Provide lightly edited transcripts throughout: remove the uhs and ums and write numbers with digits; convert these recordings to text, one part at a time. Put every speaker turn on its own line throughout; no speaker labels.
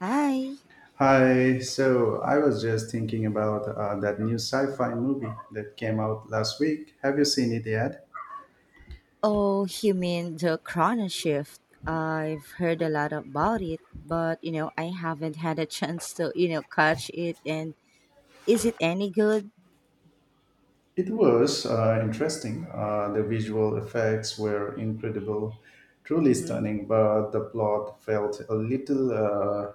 Hi.
Hi, so I was just thinking about that new sci-fi movie that came out last week. Have you seen it yet?
Oh, you mean the Chrono Shift? I've heard a lot about it, but I haven't had a chance to, catch it. And is it any good?
It was interesting. The visual effects were incredible, truly
Hmm.
stunning, but the plot felt a little uh,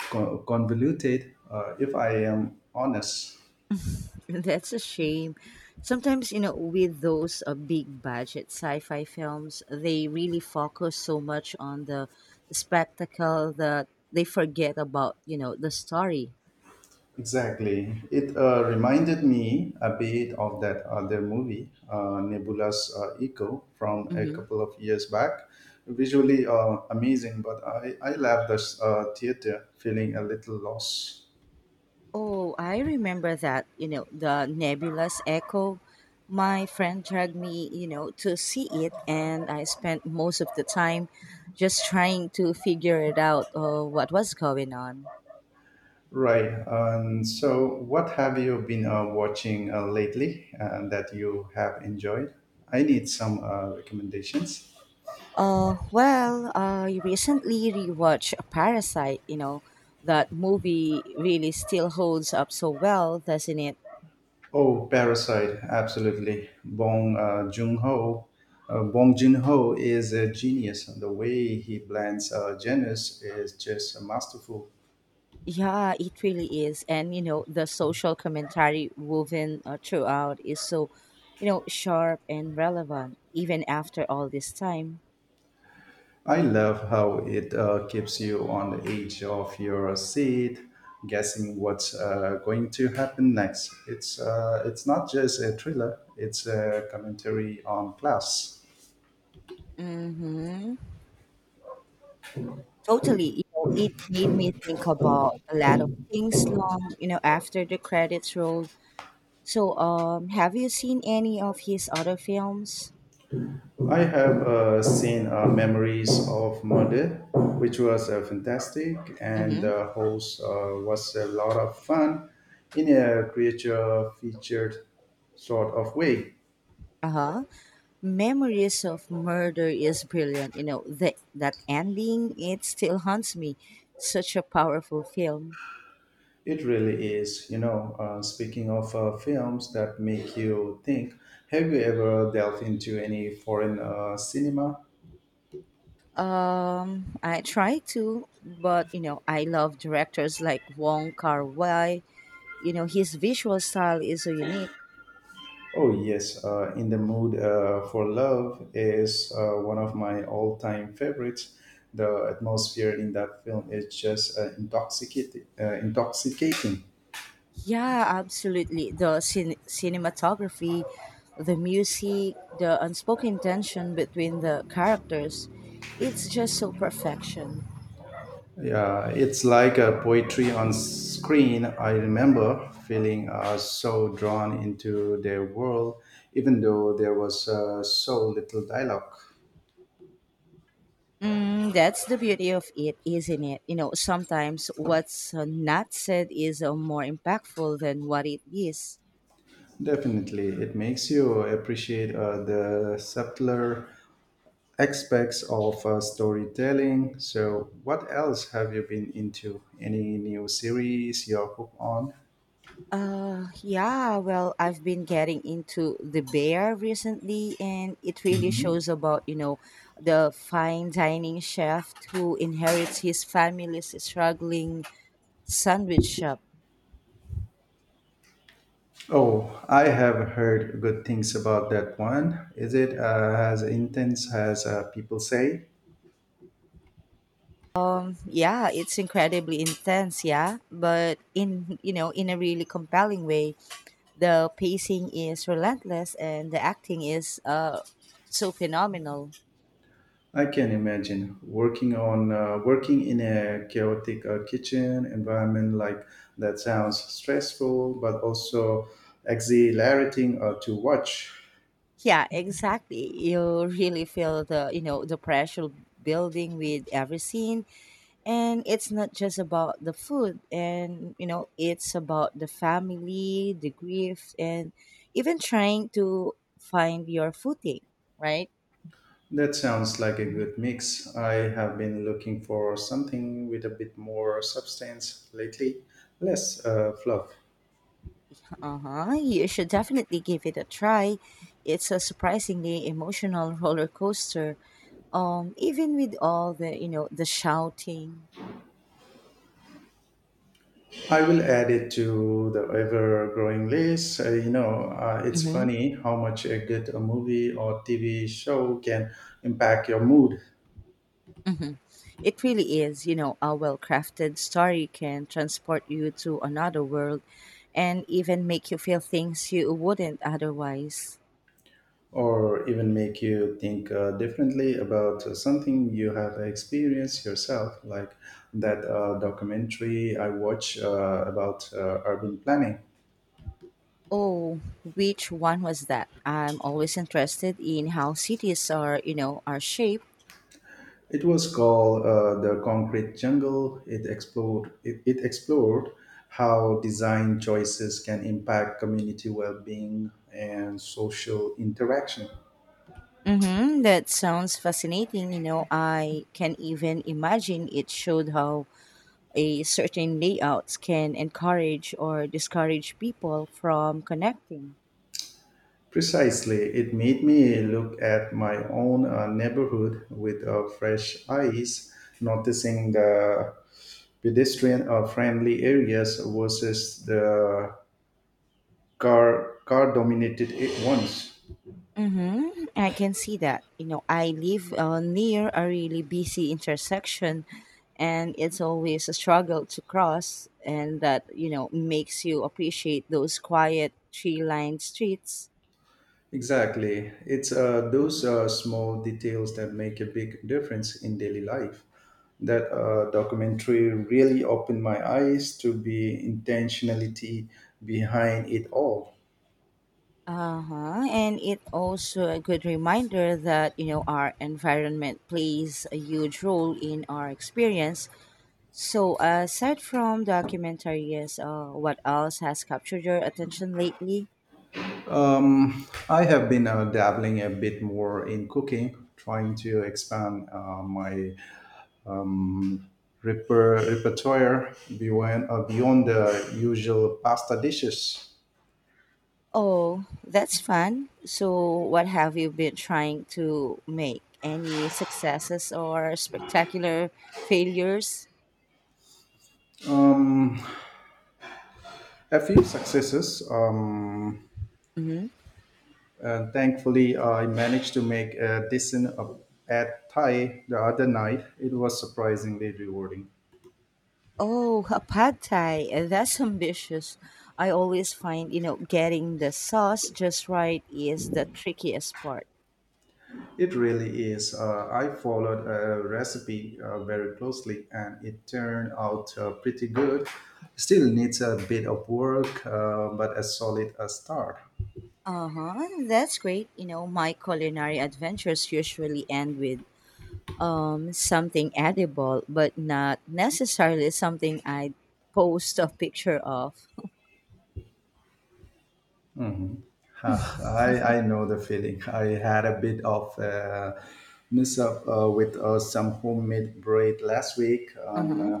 co- convoluted, if I am honest.
That's a shame. Sometimes, with those big budget sci fi films, they really focus so much on the spectacle that they forget about, the story.
Exactly. It reminded me a bit of that other movie, Nebula's Echo, from a
Hmm.
couple of years back. Visually amazing, but I left the theater feeling a little lost.
Oh, I remember that, the Nebulous Echo. My friend dragged me, to see it, and I spent most of the time just trying to figure it out, what was going on.
Right. And so, what have you been watching lately that you have enjoyed? I need some recommendations.
Well, I recently rewatched Parasite. That movie really still holds up so well, doesn't it?
Oh, Parasite, absolutely. Bong Joon-ho is a genius. The way he blends genres is just masterful.
Yeah, it really is. And, the social commentary woven throughout is so, sharp and relevant, even after all this time.
I love how it keeps you on the edge of your seat, guessing what's going to happen next. It's not just a thriller; it's a commentary on class.
Mm-hmm. Totally. It made me think about a lot of things long, after the credits rolled. So, have you seen any of his other films?
I have seen Memories of Murder, which was fantastic, and
Mm-hmm.
the host was a lot of fun in a creature featured sort of way.
Uh-huh. Memories of Murder is brilliant. The, that ending, it still haunts me. Such a powerful film.
It really is. Speaking of films that make you think, have you ever delved into any foreign cinema?
I try to, but I love directors like Wong Kar-wai. His visual style is so unique.
Oh, yes. In the Mood for Love is one of my all time favorites. The atmosphere in that film is just intoxicating. Intoxicating.
Yeah, absolutely. The cinematography, the music, the unspoken tension between the characters, it's just so perfection.
Yeah, it's like a poetry on screen. I remember feeling so drawn into their world, even though there was so little dialogue.
Mm, that's the beauty of it, isn't it? Sometimes what's not said is more impactful than what it is.
Definitely, it makes you appreciate the subtler aspects of storytelling. So, what else have you been into? Any new series you're hooked on?
Yeah, well, I've been getting into The Bear recently, and it really
Mhm.
shows about, the fine dining chef who inherits his family's struggling sandwich shop.
Oh, I have heard good things about that one. Is it as intense as people say?
Yeah, it's incredibly intense, yeah, but in, in a really compelling way. The pacing is relentless and the acting is so phenomenal.
I can imagine working in a chaotic kitchen environment like that sounds stressful, but also exhilarating to watch.
Yeah, exactly. You really feel the, the pressure building with every scene. And it's not just about the food and, it's about the family, the grief, and even trying to find your footing, right?
That sounds like a
Mhm.
good mix. I have been looking for something with a bit more substance lately, less fluff.
Uh-huh. You should definitely give it a try. It's a surprisingly emotional roller coaster. Even with all the, the shouting.
I will add it to the ever growing list. It's funny how much a good a movie or TV show can impact your mood
Hmm. It really is. A well crafted story can transport you to another world and even make you feel things you wouldn't otherwise.
or even make you think differently about something you have experienced yourself, like that documentary I watch about urban planning.
Oh, which one was that? I'm always interested in how cities are, are shaped.
It was called The Concrete Jungle. It explored how design choices can impact community well being and social interaction.
Mm-hmm, that sounds fascinating. I can even imagine it showed how a certain layouts can encourage or discourage people from connecting.
Precisely, it made me look at my own neighborhood with fresh eyes, noticing the pedestrian friendly areas versus the car dominated ones.
Mm-hmm. I can see that. I live near a really busy intersection, and it's always a struggle to cross, and that, makes you appreciate those quiet tree lined streets.
Exactly. It's those small details that make a big difference in daily life. That documentary really opened my eyes to the intentionality behind it all.
Uh huh. And it also a good reminder that, our environment plays a huge role in our experience. So, aside from documentaries, what else has captured your attention lately?
I have been dabbling a bit more in cooking, trying to expand my um, repertoire beyond the usual pasta dishes.
Oh, that's fun. So, what have you been trying to make? Any successes or spectacular failures?
Um, a few successes.
Hmm.
And thankfully, I managed to make a decent at Thai the other night. It was surprisingly rewarding.
Oh, a pad thai. That's ambitious. I always find, getting the sauce just right is the trickiest part.
It really is. I followed a recipe very closely and it turned out pretty good. Still needs a bit of work, but a solid start.
Uh huh. That's great. My culinary adventures usually end with something edible, but not necessarily something I post a picture of.
I know the feeling. I had a bit of a mess up with some homemade bread last week,
Uh huh.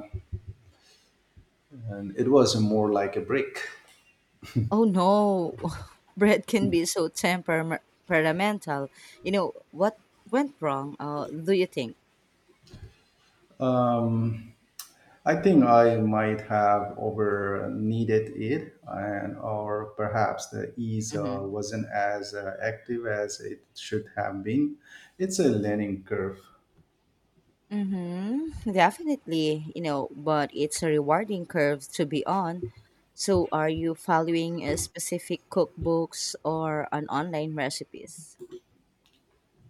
and it was more like a brick.
Oh no, bread can be so temperamental. You know what went wrong? Do you think?
Um, I think I might have over needed it, and or perhaps the ease
Mm-hmm.
wasn't as active as it should have been. It's a learning curve.
Mm-hmm. Definitely. But it's a rewarding curve to be on. So, are you following a specific cookbooks or an online recipes?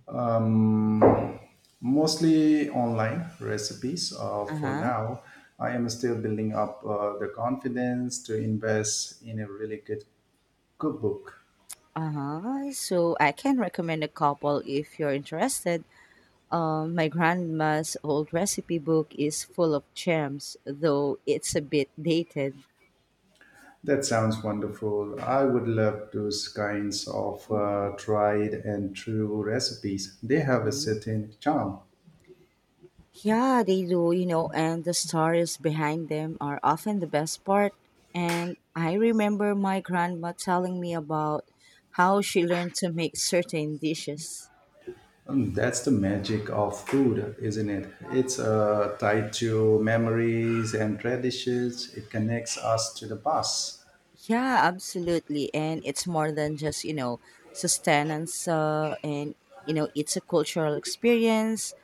Um, Mostly online recipes
Uh
for
huh.
now. I am still building up the confidence to invest in a really good cookbook.
Uh huh. So I can recommend a couple if you're interested. My grandma's old recipe book is full of gems, though it's a bit dated.
That sounds wonderful. I would love those kinds of tried and true recipes. They have a
Mhm.
certain charm.
Yeah, they do, and the stories behind them are often the best part. And I remember my grandma telling me about how she learned to make certain dishes.
That's the magic of food, isn't it? It's tied to memories and traditions. It connects us to the past.
Yeah, absolutely. And it's more than just, sustenance and, it's a cultural experience.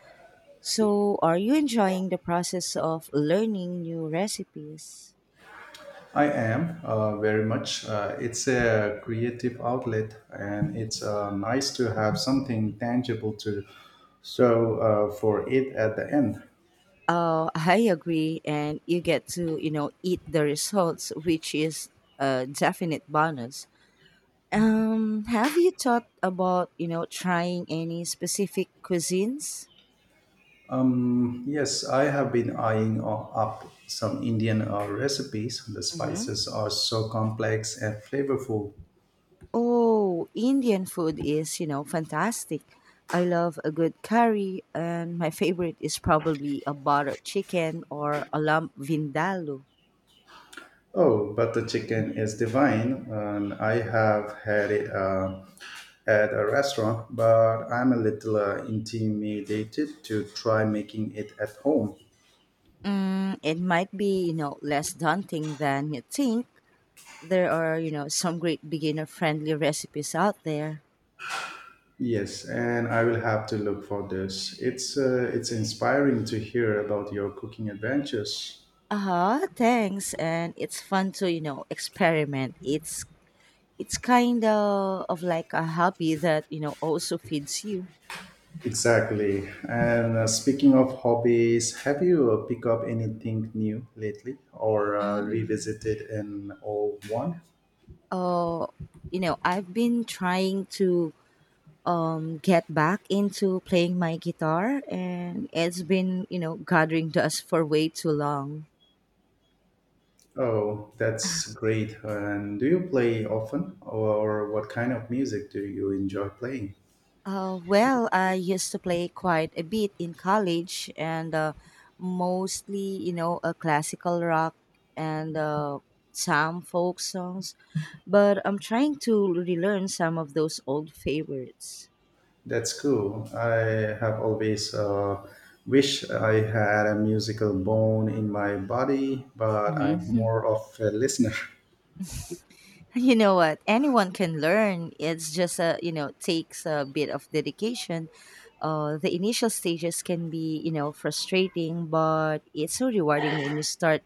So, are you enjoying the process of learning new recipes?
I am very much. It's a creative outlet, and it's nice to have something tangible to so for it at the end.
Oh, I agree. And you get to, eat the results, which is a definite bonus. Have you thought about, trying any specific cuisines?
Yes, I have been eyeing up some Indian recipes. The
Hmm.
spices are so complex and flavorful.
Oh, Indian food is, fantastic. I love a good curry, and my favorite is probably a buttered chicken or a lamb vindaloo.
Oh, but the chicken is divine, and I have had it at a restaurant, but I'm a little intimidated to try making it at home.
Mm, it might be, less daunting than you think. There are, some great beginner friendly recipes out there.
Yes, and I will have to look for this. It's inspiring to hear about your cooking adventures.
Uh-huh, thanks. And it's fun to, experiment. It's kind of like a hobby that, also feeds you.
Exactly. And speaking of hobbies, have you picked up anything new lately or
Mm.
revisited an old one?
uh, you know, I've been trying to get back into playing my guitar, and it's been, gathering dust for way too long.
Oh, that's great. And do you play often or what kind of music do you enjoy playing?
Well, I used to play quite a bit in college and mostly, a classical rock and some folk songs. But I'm trying to relearn some of those old favorites.
That's cool. I have always wished I had a musical bone in my body, but
Hmm.
I'm more of a listener.
You know what? Anyone can learn. It's just a, takes a bit of dedication. The initial stages can be, frustrating, but it's so rewarding when you start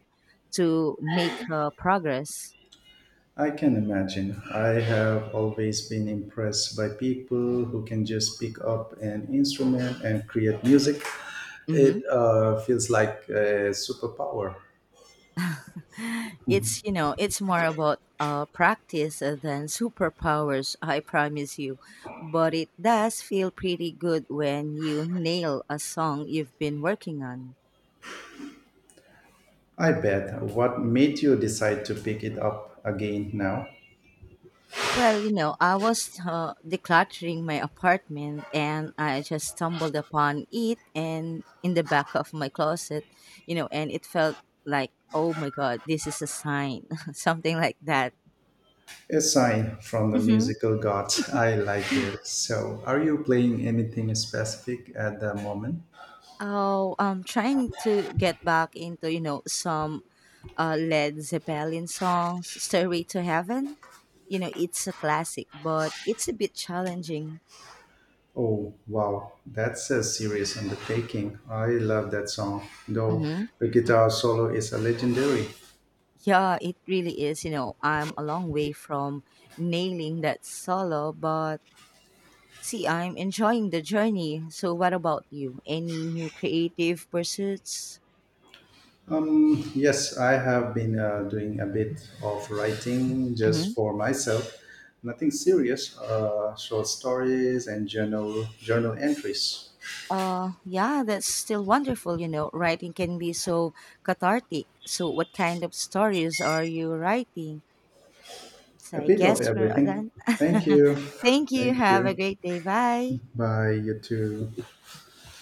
to make progress.
I can imagine. I have always been impressed by people who can just pick up an instrument and create music.
Hmm.
It feels like a superpower.
It's, it's more about practice than superpowers, I promise you. But it does feel pretty good when you nail a song you've been working on.
I bet. What made you decide to pick it up again now?
Well, I was decluttering my apartment and I just stumbled upon it and in the back of my closet, and it felt like, oh my God, this is a sign, something like that.
A sign from the
Mm-hmm.
musical gods. I like it. So, are you playing anything specific at the moment?
Oh, I'm trying to get back into, some Led Zeppelin songs, Stairway to Heaven. It's a classic, but it's a bit challenging.
Oh, wow. That's a serious undertaking. I love that song, though
Hmm.
the guitar solo is a legendary.
Yeah, it really is. I'm a long way from nailing that solo, but see, I'm enjoying the journey. So, what about you? Any new creative pursuits?
Yes, I have been doing a bit of writing just for myself. Nothing serious, short stories and journal entries.
Yeah, that's still wonderful. Writing can be so cathartic. So, what kind of stories are you writing? So,
A
I
bit of
guess we're
everything.
done.
Thank you.
Thank you.
Thank
Have a
you.
great day. Bye.
Bye, you too.